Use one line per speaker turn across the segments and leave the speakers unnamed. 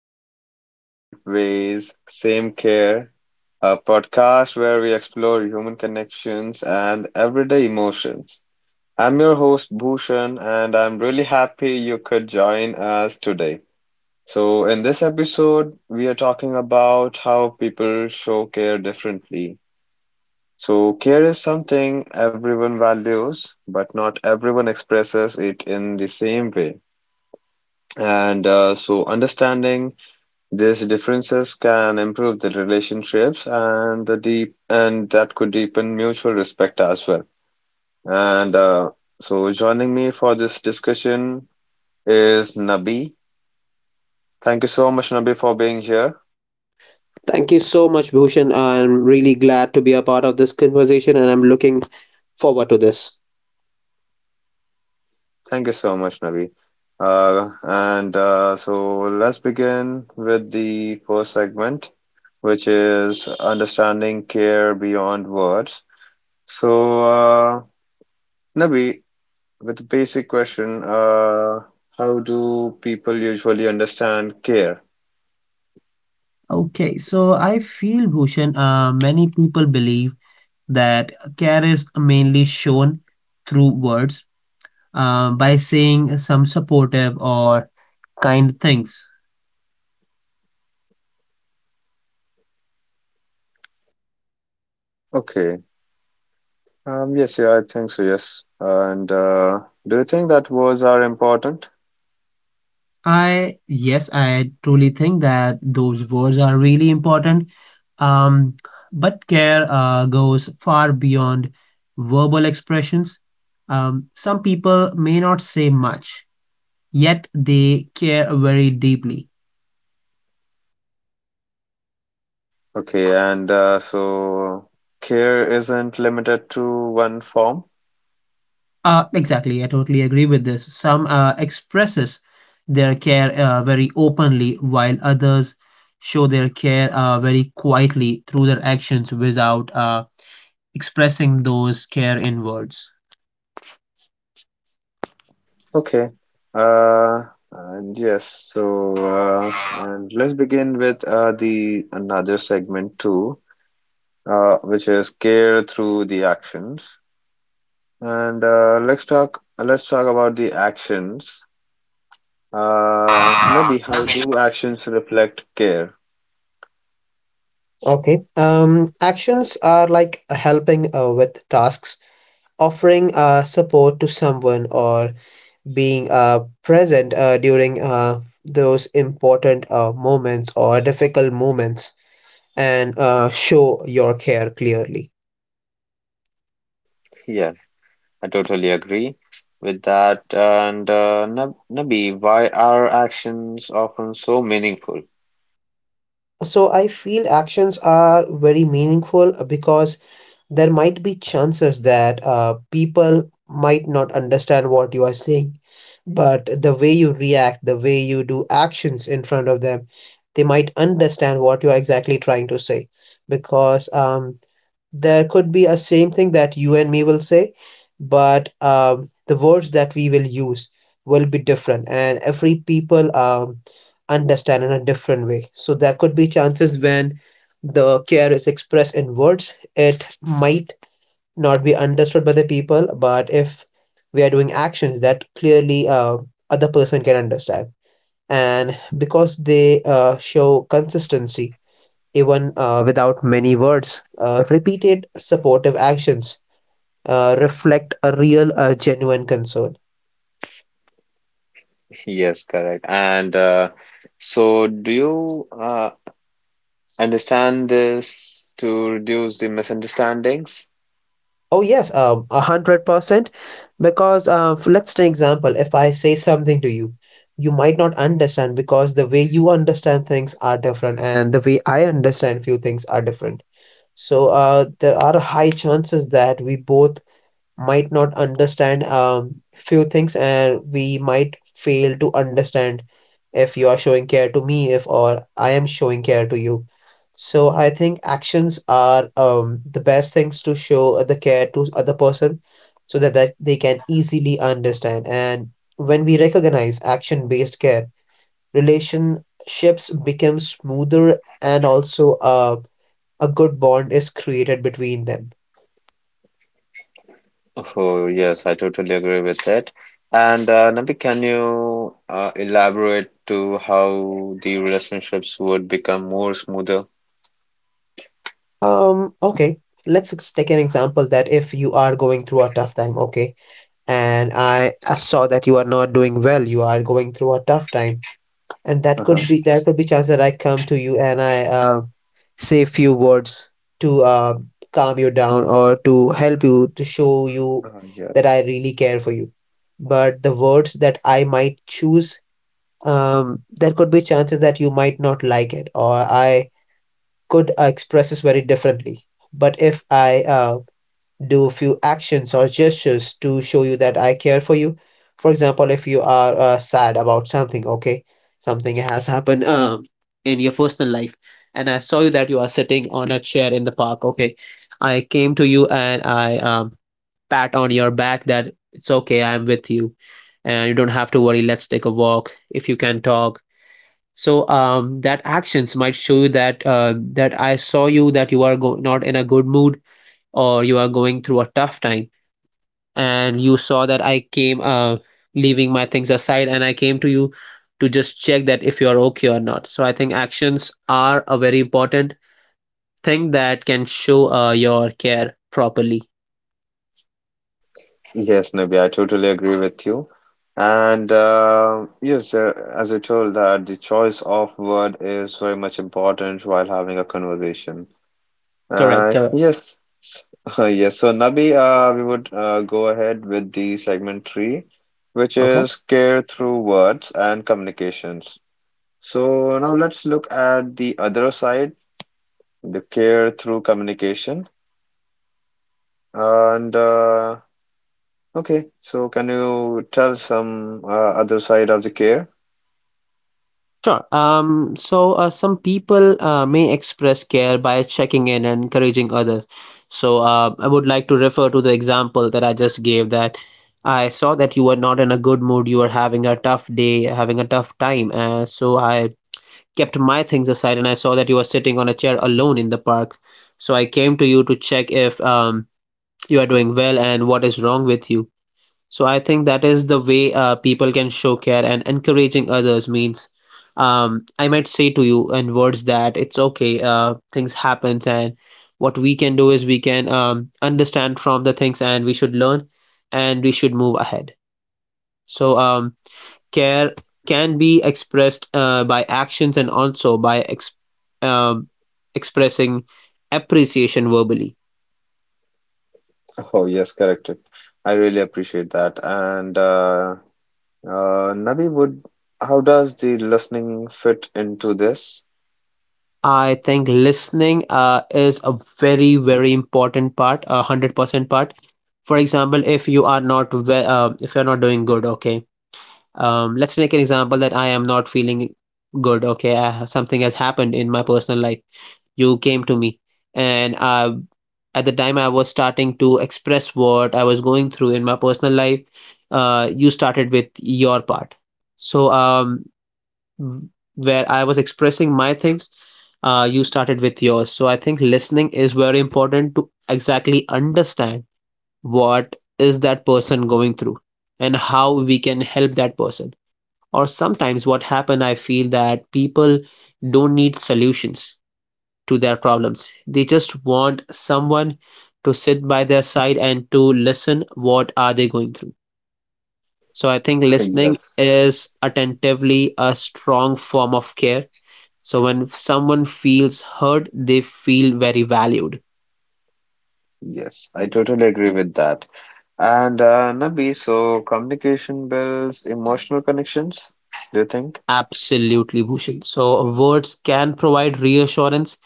welcome back to Different Ways, Same Care, a podcast where we explore human connections and everyday emotions. I'm your host, Bhushan, and I'm really happy you could join us today. So, in this episode, we are talking about how people show care differently. So, care is something everyone values, but not everyone expresses it in the same way. Understanding these differences can improve the relationships and that could deepen mutual respect as well. And so Joining me for this discussion is Nabi. Thank you so much, Nabi, for being here.
Thank you so much, Bhushan. I'm really glad to be a part of this conversation and I'm looking forward to this.
Thank you so much, Nabi. And so Let's begin with the first segment, which is understanding care beyond words. So, uh, Nabi, with a basic question, how do people usually understand care?
Okay, so I feel Bhushan, many people believe that care is mainly shown through words, by saying some supportive or kind things.
Okay. Yes, yeah, I think so, yes. And Do you think that words are important?
I truly think that those words are really important. Um, but care goes far beyond verbal expressions. Some people may not say much, yet they care very deeply.
Okay, and so care isn't limited to one form?
Exactly, I totally agree with this. Some expresses their care very openly, while others show their care very quietly through their actions without expressing those care in words.
Okay. Uh, and Yes, so and let's begin with the another segment too, which is care through the actions. And let's talk about the actions. Nabi, how
Okay.
do actions reflect care?
Okay. Actions are like helping with tasks, offering support to someone, or being present during those important moments or difficult moments and show your care clearly.
Yes, I totally agree with that. And Nabi, why are actions often so meaningful?
So I feel actions are very meaningful because there might be chances that people might not understand what you are saying, but the way you react, the way you do actions in front of them, they might understand what you are exactly trying to say, because there could be a same thing that you and me will say, but the words that we will use will be different, and every people understand in a different way. So there could be chances when the care is expressed in words, it might not be understood by the people, but if we are doing actions that clearly other person can understand, and because they show consistency even without many words. Repeated supportive actions reflect a real, genuine concern.
Yes, correct. Do you understand this to reduce the misunderstandings?
Oh, yes, a 100%. Because let's take example. If I say something to you, you might not understand because the way you understand things are different and the way I understand few things are different. So there are high chances that we both might not understand few things, and we might fail to understand if you are showing care to me, if or I am showing care to you. So I think actions are the best things to show the care to other person, so that, that they can easily understand. And when we recognize action based care, relationships become smoother and also a good bond is created between them.
Oh, yes, I totally agree with that. And Nabi, can you elaborate to how the relationships would become more smoother?
Okay. Let's take an example that if you are going through a tough time, okay, and I saw that you are not doing well, you are going through a tough time, and that
Uh-huh.
could be, there could be chance that I come to you and I say a few words to calm you down or to help you, to show you that
Yes.
I really care for you. But the words that I might choose, there could be chances that you might not like it, or I could express this very differently. But if I do few actions or gestures to show you that I care for you, for example, if you are sad about something, okay, something has happened in your personal life, and I saw you that you are sitting on a chair in the park, okay, I came to you and I pat on your back that it's okay, I'm with you, and you don't have to worry. Let's take a walk if you can talk. So that actions might show you that that I saw you that you are not in a good mood or you are going through a tough time, and you saw that I came leaving my things aside, and I came to you to just check that if you are okay or not. So I think actions are a very important thing that can show your care properly.
Yes, Nabi, I totally agree with you. As I told that the choice of word is very much important while having a conversation.
correct correct
Yes, yes. So Nabi, we would go ahead with the segment three, which
Okay
is care through words and communications. So now let's look at the other side, the care through communication. And Okay, so can you tell some other side of the care?
Sure. So some people may express care by checking in and encouraging others. So I would like to refer to the example that I just gave, that I saw that you were not in a good mood, you were having a tough day, having a tough time. So I kept my things aside, and I saw that you were sitting on a chair alone in the park. So I came to you to check if you are doing well and what is wrong with you. So I think that is the way people can show care, and encouraging others means I might say to you in words that it's okay, things happens, and what we can do is we can understand from the things, and we should learn and we should move ahead. So care can be expressed by actions and also by um, expressing appreciation verbally.
Oh yes, correct. I really appreciate that. And Nabi, would how does the listening fit into this?
I think listening is a very, very important part, 100% part. For example, if you are not if you're not doing good, okay. Let's take an example that I am not feeling good, okay. I have, something has happened in my personal life. You came to me, and at the time I was starting to express what I was going through in my personal life. You started with your part, so where I was expressing my things, you started with yours. So I think listening is very important to exactly understand what is that person going through and how we can help that person. Or sometimes what happen, I feel that people don't need solutions to their problems. They just want someone to sit by their side and to listen what are they going through. So I think listening
Yes,
is attentively a strong form of care, so when someone feels heard, they feel very valued.
yes, I totally agree with that. And Nabi, so communication builds emotional connections, do you think?
Absolutely, Bhushan. So words can provide reassurance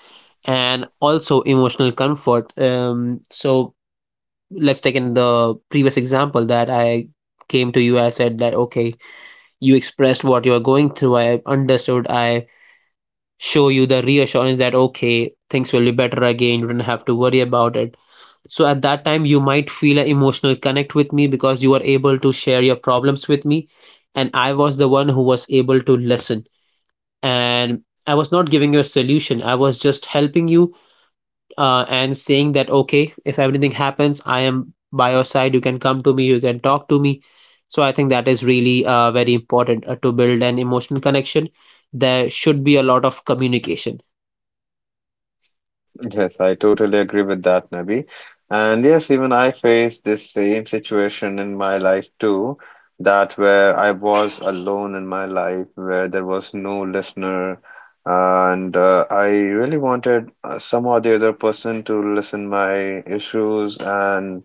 and also emotional comfort. So let's take in the previous example that I came to you. I said that okay, you expressed what you are going through. I understood. I show you the reassurance that okay, things will be better again, you don't have to worry about it. So at that time you might feel an emotional connect with me, because you were able to share your problems with me, and I was the one who was able to listen, and I was not giving you a solution, I was just helping you and saying that okay, if everything happens, I am by your side, you can come to me, you can talk to me. So I think that is really very important to build an emotional connection, there should be a lot of communication.
Yes, I totally agree with that, Nabi. And yes, even I faced this same situation in my life too, that where I was alone in my life, where there was no listener, and I really wanted somehow the other person to listen my issues and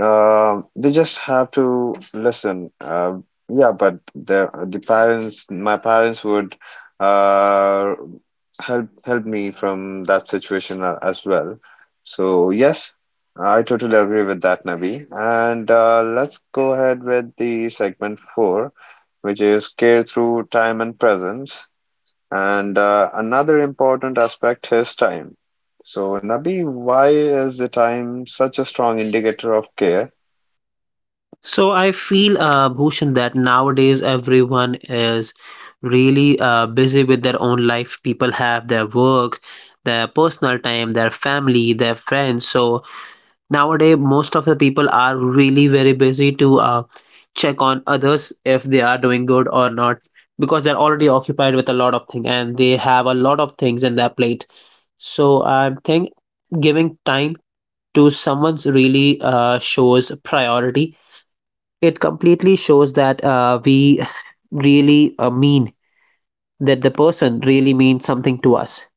um, they just have to listen. Yeah, but the parents, my parents would uh, help me from that situation as well. So yes, I totally agree with that, Nabi. And Let's go ahead with the segment four, which is care through time and presence. And another important aspect is time. So, Nabi, why is the time such a strong indicator of care?
So I feel, Bhushan, that nowadays everyone is really busy with their own life. People have their work, their personal time, their family, their friends. So nowadays, most of the people are really very busy to check on others if they are doing good or not, because they're already occupied with a lot of things and they have a lot of things in their plate. So I think giving time to someone's really shows priority. It completely shows that we really mean that the person really means something to us,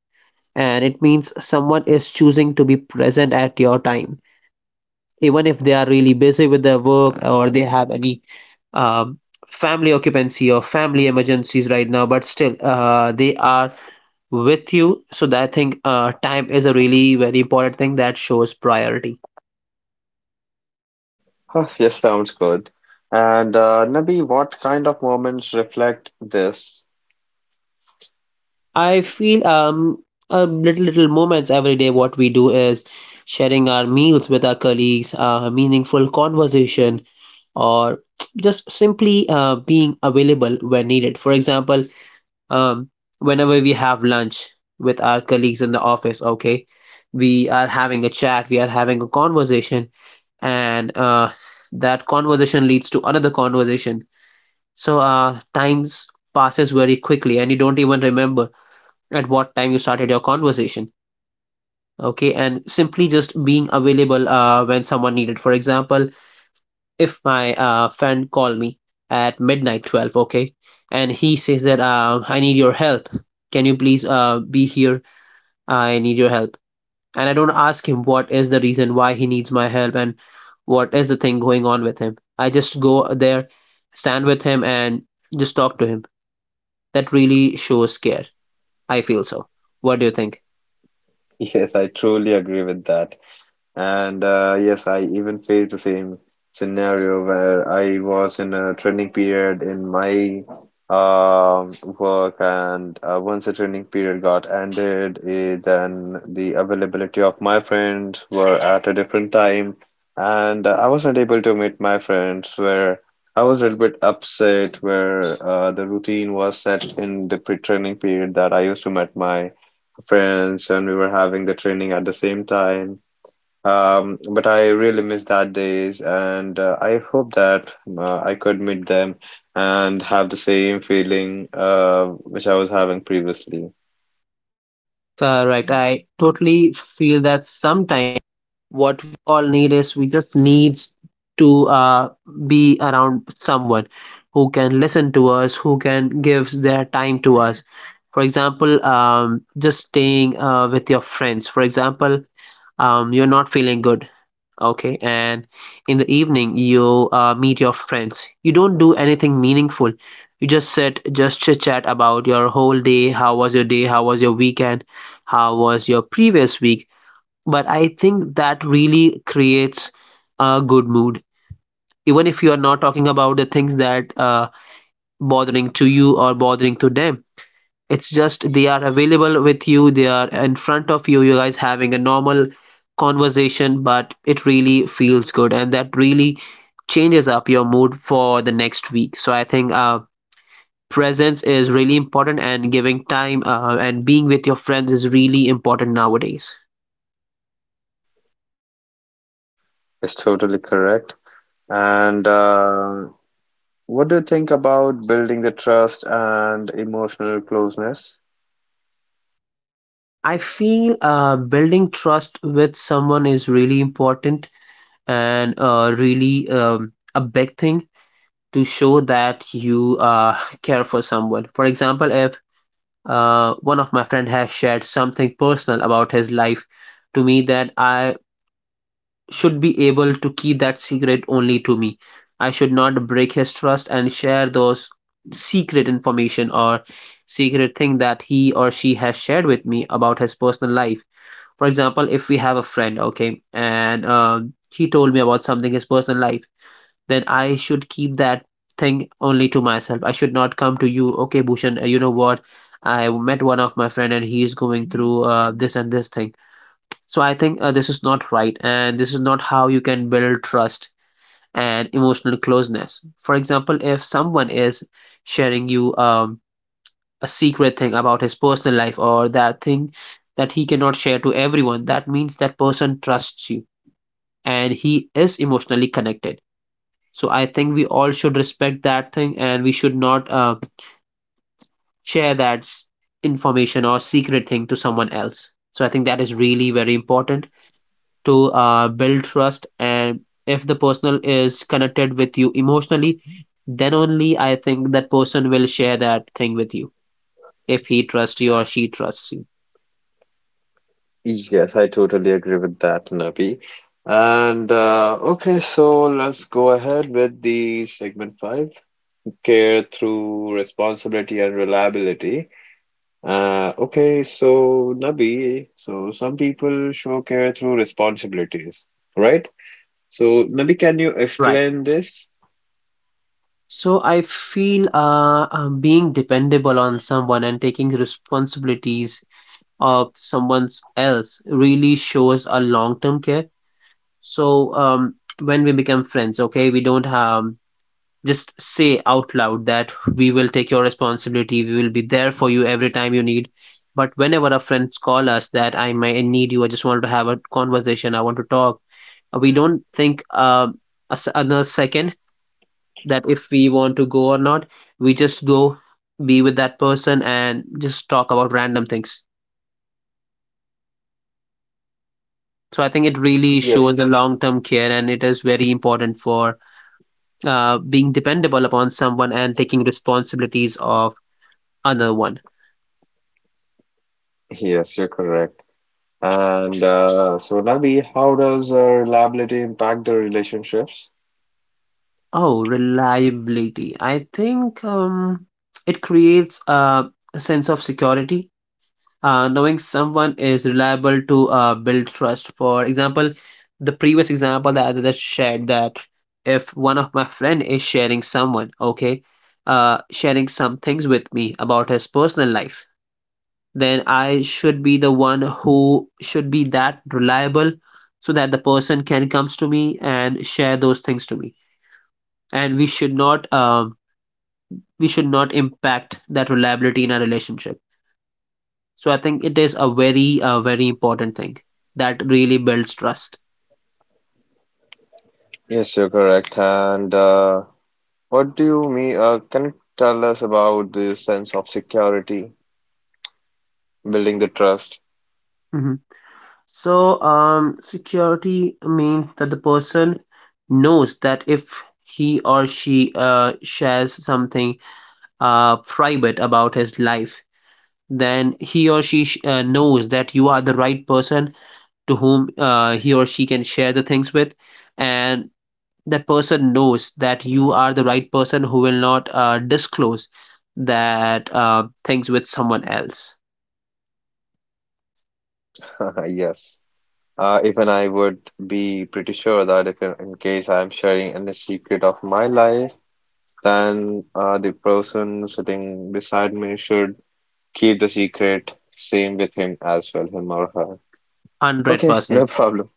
and it means someone is choosing to be present at your time even if they are really busy with their work or they have any um, family occupancy or family emergencies right now, but still they are with you. So that thing, time is a really very important thing that shows priority.
Huh, yes, sounds good. And Nabi, what kind of moments reflect this?
I feel a little little moments every day. What we do is sharing our meals with our colleagues, a meaningful conversation, or just simply being available when needed. For example, um, whenever we have lunch with our colleagues in the office, okay, we are having a chat, we are having a conversation, and that conversation leads to another conversation. So times passes very quickly, and you don't even remember at what time you started your conversation, okay, and simply just being available when someone needed. For example, if my friend called me at midnight 12, okay, and he says that I need your help, can you please be here, I need your help, and I don't ask him what is the reason why he needs my help and what is the thing going on with him, I just go there, stand with him, and just talk to him. That really shows care, I feel so. What do you think?
Yes, I truly agree with that. And yes, I even faced the same scenario where I was in a training period in my um work, and once the training period got ended, eh, then the availability of my friends were at a different time, and I was not able to meet my friends. Where I was a little bit upset, where the routine was set in the pre-training period that I used to meet my friends, and we were having the training at the same time. But I really miss that days, and I hope that I could meet them and have the same feeling which I was having previously.
Right, I totally feel that sometimes what we all need is we just needs to be around someone who can listen to us, who can give their time to us. For example, just staying with your friends. For example, you're not feeling good, okay, and in the evening you meet your friends. You don't do anything meaningful. You just sit, just chit chat about your whole day. How was your day? How was your weekend? How was your previous week? But I think that really creates a good mood, even if you are not talking about the things that bothering to you or bothering to them. It's just they are available with you, they are in front of you, you guys having a normal conversation, but it really feels good, and that really changes up your mood for the next week. So I think presence is really important, and giving time and being with your friends is really important nowadays.
It's totally correct. And What do you think about building the trust and emotional closeness?
I feel building trust with someone is really important, and really a big thing to show that you care for someone. For example, if one of my friend has shared something personal about his life to me, that I should be able to keep that secret only to me. I should not break his trust and share those secret information or secret thing that he or she has shared with me about his personal life. For example, if we have a friend, okay, and he told me about something his personal life, then I should keep that thing only to myself. I should not come to you, okay, Bhushan, you know what? I met one of my friend, and he is going through this and this thing. So I think this is not right, and this is not how you can build trust and emotional closeness. For example, if someone is sharing you a secret thing about his personal life or that thing that he cannot share to everyone, that means that person trusts you and he is emotionally connected. So I think we all should respect that thing, and we should not share that information or secret thing to someone else. So I think that is really very important to build trust. And if the person is connected with you emotionally, then only I think that person will share that thing with you if he trusts you or she trusts you.
Yes, I totally agree with that, Nabi. And Okay, so let's go ahead with the segment five, care through responsibility and reliability. Okay, so Nabi, so some people show care through responsibilities, right? So Nabi, can you
Right.
explain this?
So I feel being dependable on someone and taking responsibilities of someone else really shows a long-term care. So when we become friends, okay, we don't just say out loud that we will take your responsibility. We will be there for you every time you need. But whenever our friends call us that I may need you, I just want to have a conversation, I want to talk. We don't think a s another second, that if we want to go or not. We just go be with that person and just talk about random things. So I think it really
Yes,
shows the long-term care, and it is very important for being dependable upon someone and taking responsibilities of another one.
yes, you're correct. And so Nabi, how does reliability impact the relationships?
Oh, reliability. I think it creates a sense of security. Knowing someone is reliable to build trust. For example, the previous example that I just shared, that if one of my friend is sharing someone, okay, sharing some things with me about his personal life, then I should be the one who should be that reliable so that the person can comes to me and share those things to me. And we should not impact that reliability in our relationship. So I think it is a very very important thing that really builds trust.
Yes, you're correct. And what do you mean? Can you tell us about the sense of security, building the trust?
Mhm. So security means that the person knows that if he or she shares something private about his life, then he or she knows that you are the right person to whom he or she can share the things with, and that person knows that you are the right person who will not disclose that things with someone else.
Yes. Even I would be pretty sure that if in case I'm sharing any secret of my life, then the person sitting beside me should keep the secret same with him as well, him or her. Okay,
100%.
no problem.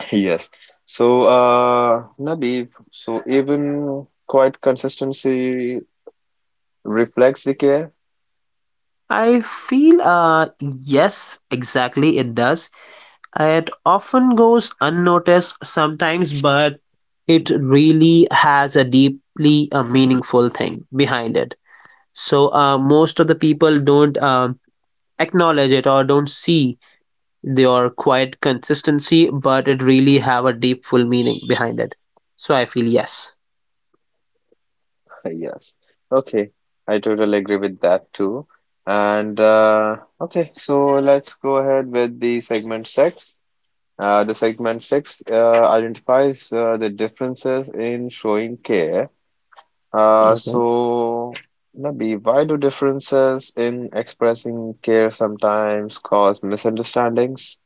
Yes. So, Nabib, so even quite consistency reflects the care?
I feel yes, exactly, it does. It often goes unnoticed sometimes, but it really has a deeply meaningful thing behind it. So, most of the people don't acknowledge it or don't see their quiet consistency, but it really have a deep full meaning behind it. So I feel yes.
Yes. Okay, I totally agree with that too. And Okay, so let's go ahead with the segment six. The segment six identifies the differences in showing care.
Okay.
So, Nabi, why do differences in expressing care sometimes cause misunderstandings?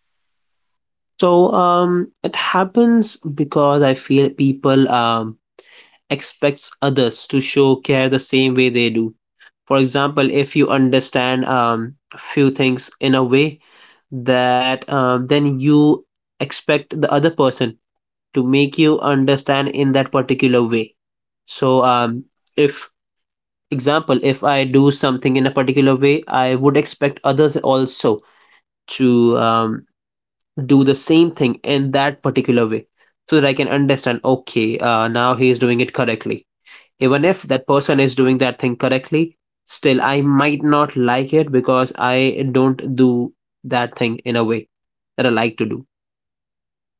So it happens because I feel people expects others to show care the same way they do. For example, if you understand few things in a way that then you expect the other person to make you understand in that particular way. So if, example, if I do something in a particular way, I would expect others also to do the same thing in that particular way, so that I can understand, okay, now he is doing it correctly. Even if that person is doing that thing correctly, still I might not like it because I don't do that thing in a way that I like to do.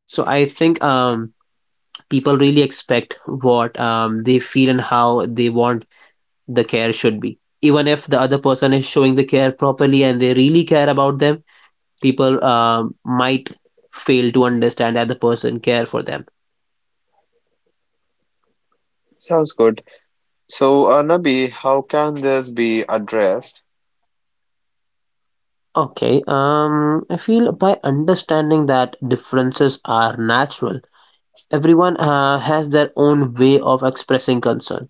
So I think people really expect what they feel and how they want the care should be, even if the other person is showing the care properly and they really care about them. People might fail to understand that the person care for them.
Sounds good. So, Nabi, how can this be addressed?
Okay. I feel by understanding that differences are natural. Everyone has their own way of expressing concern.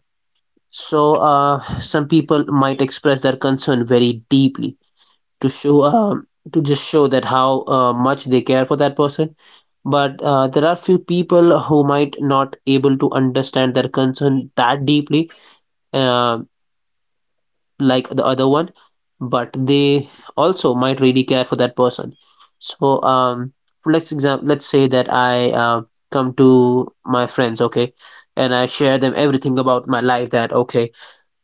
So some people might express their concern very deeply, to show uh, to just show that how much they care for that person. But there are few people who might not able to understand their concern that deeply, uh, like the other one, but they also might really care for that person. So let's example, let's say that I come to my friends, okay, and I share them everything about my life, that, okay,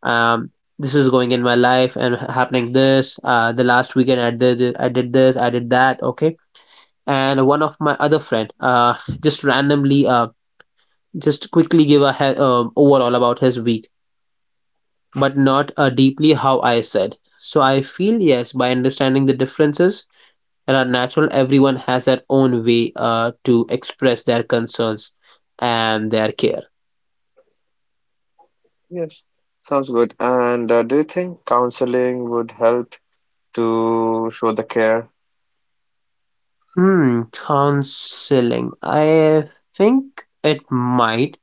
um this is going in my life and happening this, the last weekend I did this, I did that, okay. And one of my other friend just randomly just quickly give a overall about his week, but not deeply how I said. So I feel yes, by understanding the differences that are natural. Everyone has their own way to express their concerns and their care.
Yes, sounds good. And Do you think counseling would help to show the care?
Hmm, counseling, I think it might.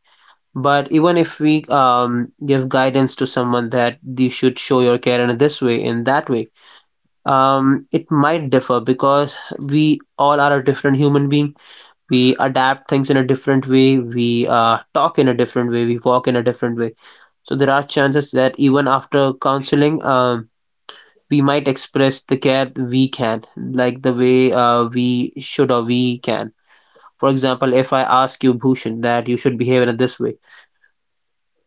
But even if we give guidance to someone that you should show your care in this way, in that way, it might differ because we all are a different human being. We adapt things in a different way. We talk in a different way. We walk in a different way. So there are chances that even after counseling, we might express the care we can, like the way we should or we can. For example, if I ask you, Bhushan, that you should behave in this way.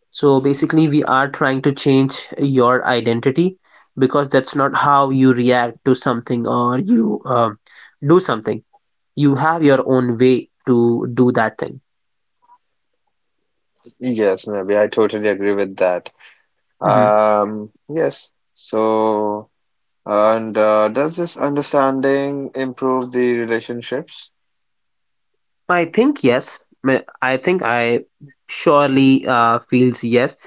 So basically, we are trying to change your identity because that's not how you react to something or you do something. You have your own way to do that thing.
Yes, Nabi, I totally agree with that.
Hmm.
Yes, so. And Does this understanding improve the relationships?
I think yes. I think I surely feels yes,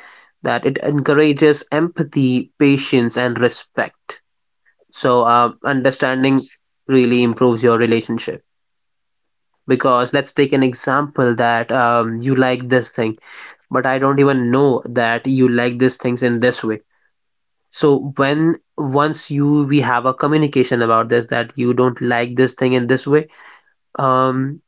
that it encourages empathy, patience, and respect. So understanding really improves your relationship. Because let's take an example, that you like this thing but I don't even know that you like these things in this way. So when once you we have a communication about this, that you don't like this thing in this way, um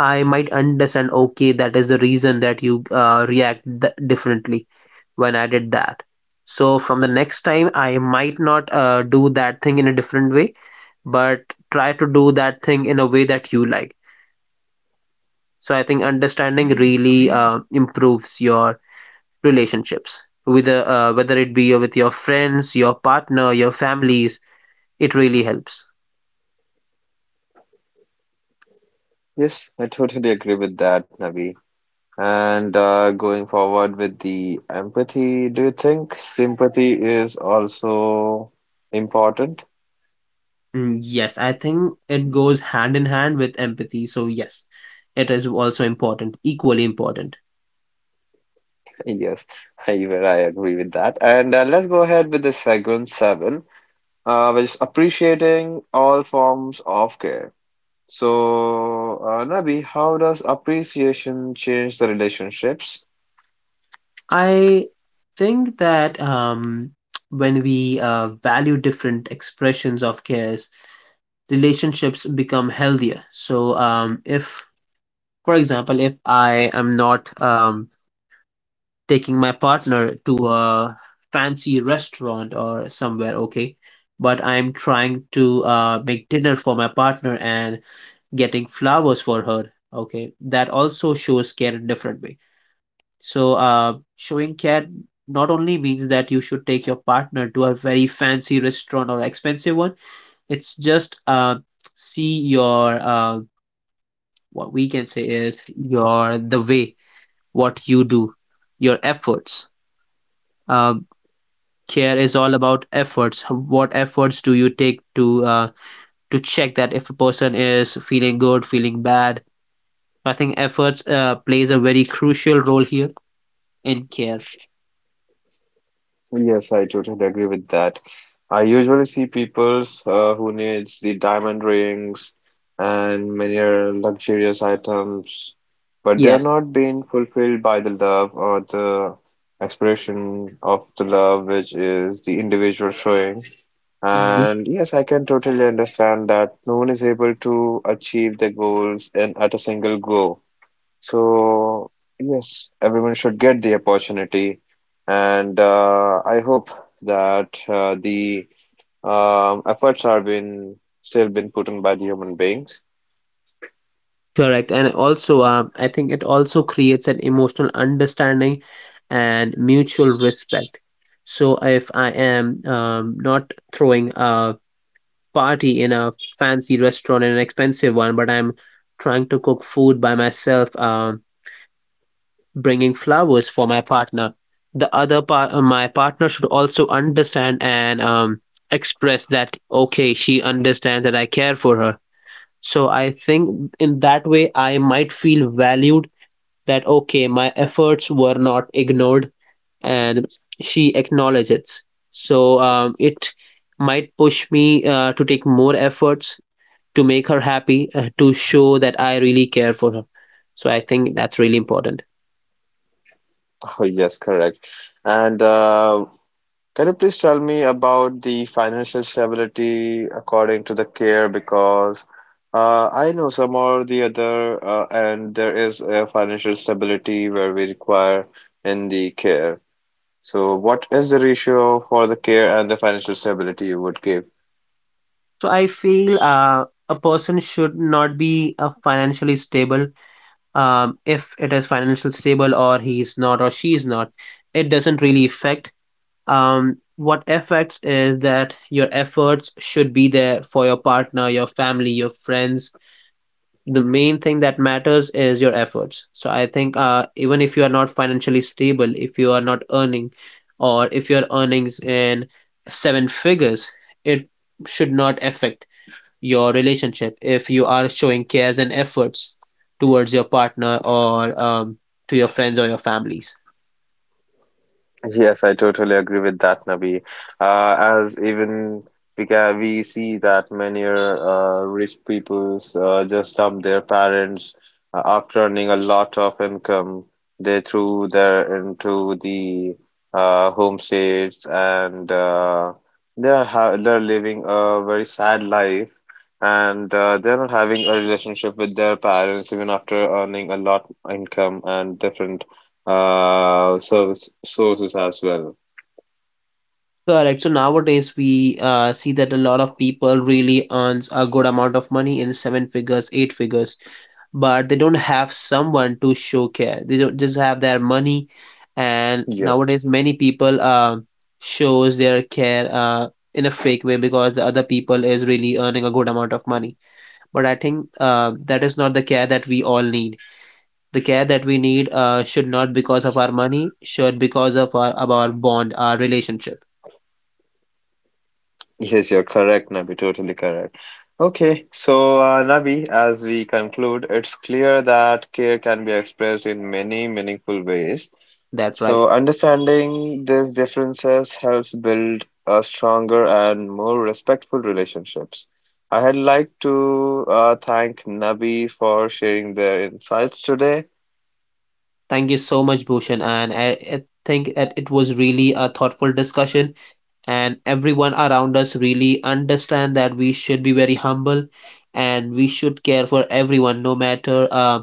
I might understand, okay, that is the reason that you react differently when I did that. So from the next time I might not do that thing in a different way, but try to do that thing in a way that you like. So I think understanding really improves your relationships with whether it be with your friends, your partner, your families. It really helps.
Yes, I totally agree with that, Navi. And Going forward with the empathy, do you think sympathy is also important?
Mm, yes, I think it goes hand in hand with empathy. So yes, it is also important, equally important.
Yes, even I agree with that. And Let's go ahead with the segment seven, which is appreciating all forms of care. So, Nabi, how does appreciation change the relationships?
I think that when we value different expressions of cares, relationships become healthier. So if, for example, if I am not taking my partner to a fancy restaurant or somewhere, okay? But I'm trying to make dinner for my partner and getting flowers for her, okay? That also shows care in different way. So, showing care not only means that you should take your partner to a very fancy restaurant or expensive one, it's just see your, what we can say is your, the way what you do, your efforts. Um, Care is all about efforts. What efforts do you take to check that if a person is feeling good, feeling bad? So, I think efforts plays a very crucial role here in care.
Yes, I totally agree with that. I usually see peoples who needs the diamond rings and many other luxurious items, but they are
Yes.
not being fulfilled by the love or the expression of the love, which is the individual showing.
Mhm.
And yes, I can totally understand that no one is able to achieve their goals in at a single go. So, yes, everyone should get the opportunity, and I hope that the efforts are being still been put in by the human beings.
Correct. And also, I think it also creates an emotional understanding and mutual respect. So if I am not throwing a party in a fancy restaurant, in an expensive one, but I'm trying to cook food by myself, bringing flowers for my partner. The other part, my partner should also understand and express that, okay, she understands that I care for her. So I think in that way, I might feel valued that, okay, my efforts were not ignored and she acknowledges it. So it might push me to take more efforts to make her happy, to show that I really care for her. So I think that's really important.
Oh, yes, correct. And can you please tell me about the financial stability according to the care? Because I know some or the other, and there is a financial stability where we require in the care. So what is the ratio for the care and the financial stability you would give?
So I feel a person should not be financially stable. If it is financially stable or he is not or she is not, it doesn't really affect. What affects is that your efforts should be there for your partner, your family, your friends. The main thing that matters is your efforts. So I think even if you are not financially stable, if you are not earning, or if your earnings in seven figures, it should not affect your relationship if you are showing cares and efforts towards your partner or to your friends or your families.
Yes, I totally agree with that, Nabi. As even we see that many rich peoples just dump their parents after earning a lot of income. They threw their into the homestays and they're living a very sad life and they're not having a relationship with their parents even after earning a lot income and different service sources as well.
Correct. So nowadays we see that a lot of people really earns a good amount of money in seven figures, eight figures, but they don't have someone to show care. They don't just have their money, and
Yes.
nowadays many people shows their care in a fake way because the other people is really earning a good amount of money. But I think that is not the care that we all need. The care that we need should not because of our money, should because of our bond, our relationship.
Yes, you're correct, Nabi. Totally correct. Okay, so Nabi, as we conclude, it's clear that care can be expressed in many meaningful ways.
That's right.
So, understanding these differences helps build a stronger and more respectful relationships. I had like to thank Nabi for sharing their insights today.
Thank you so much, Bhushan. And I think that it was really a thoughtful discussion, and everyone around us really understand that we should be very humble, and we should care for everyone, no matter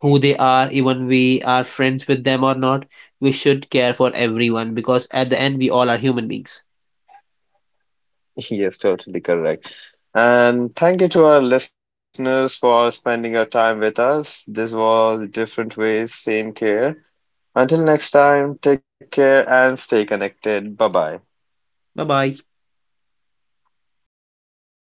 who they are, even we are friends with them or not. We should care for everyone because at the end, we all are human beings.
Yes, totally correct. And thank you to our listeners for spending your time with us. This was Different Ways, Same Care. Until next time, take care and stay connected. Bye bye.
Bye bye.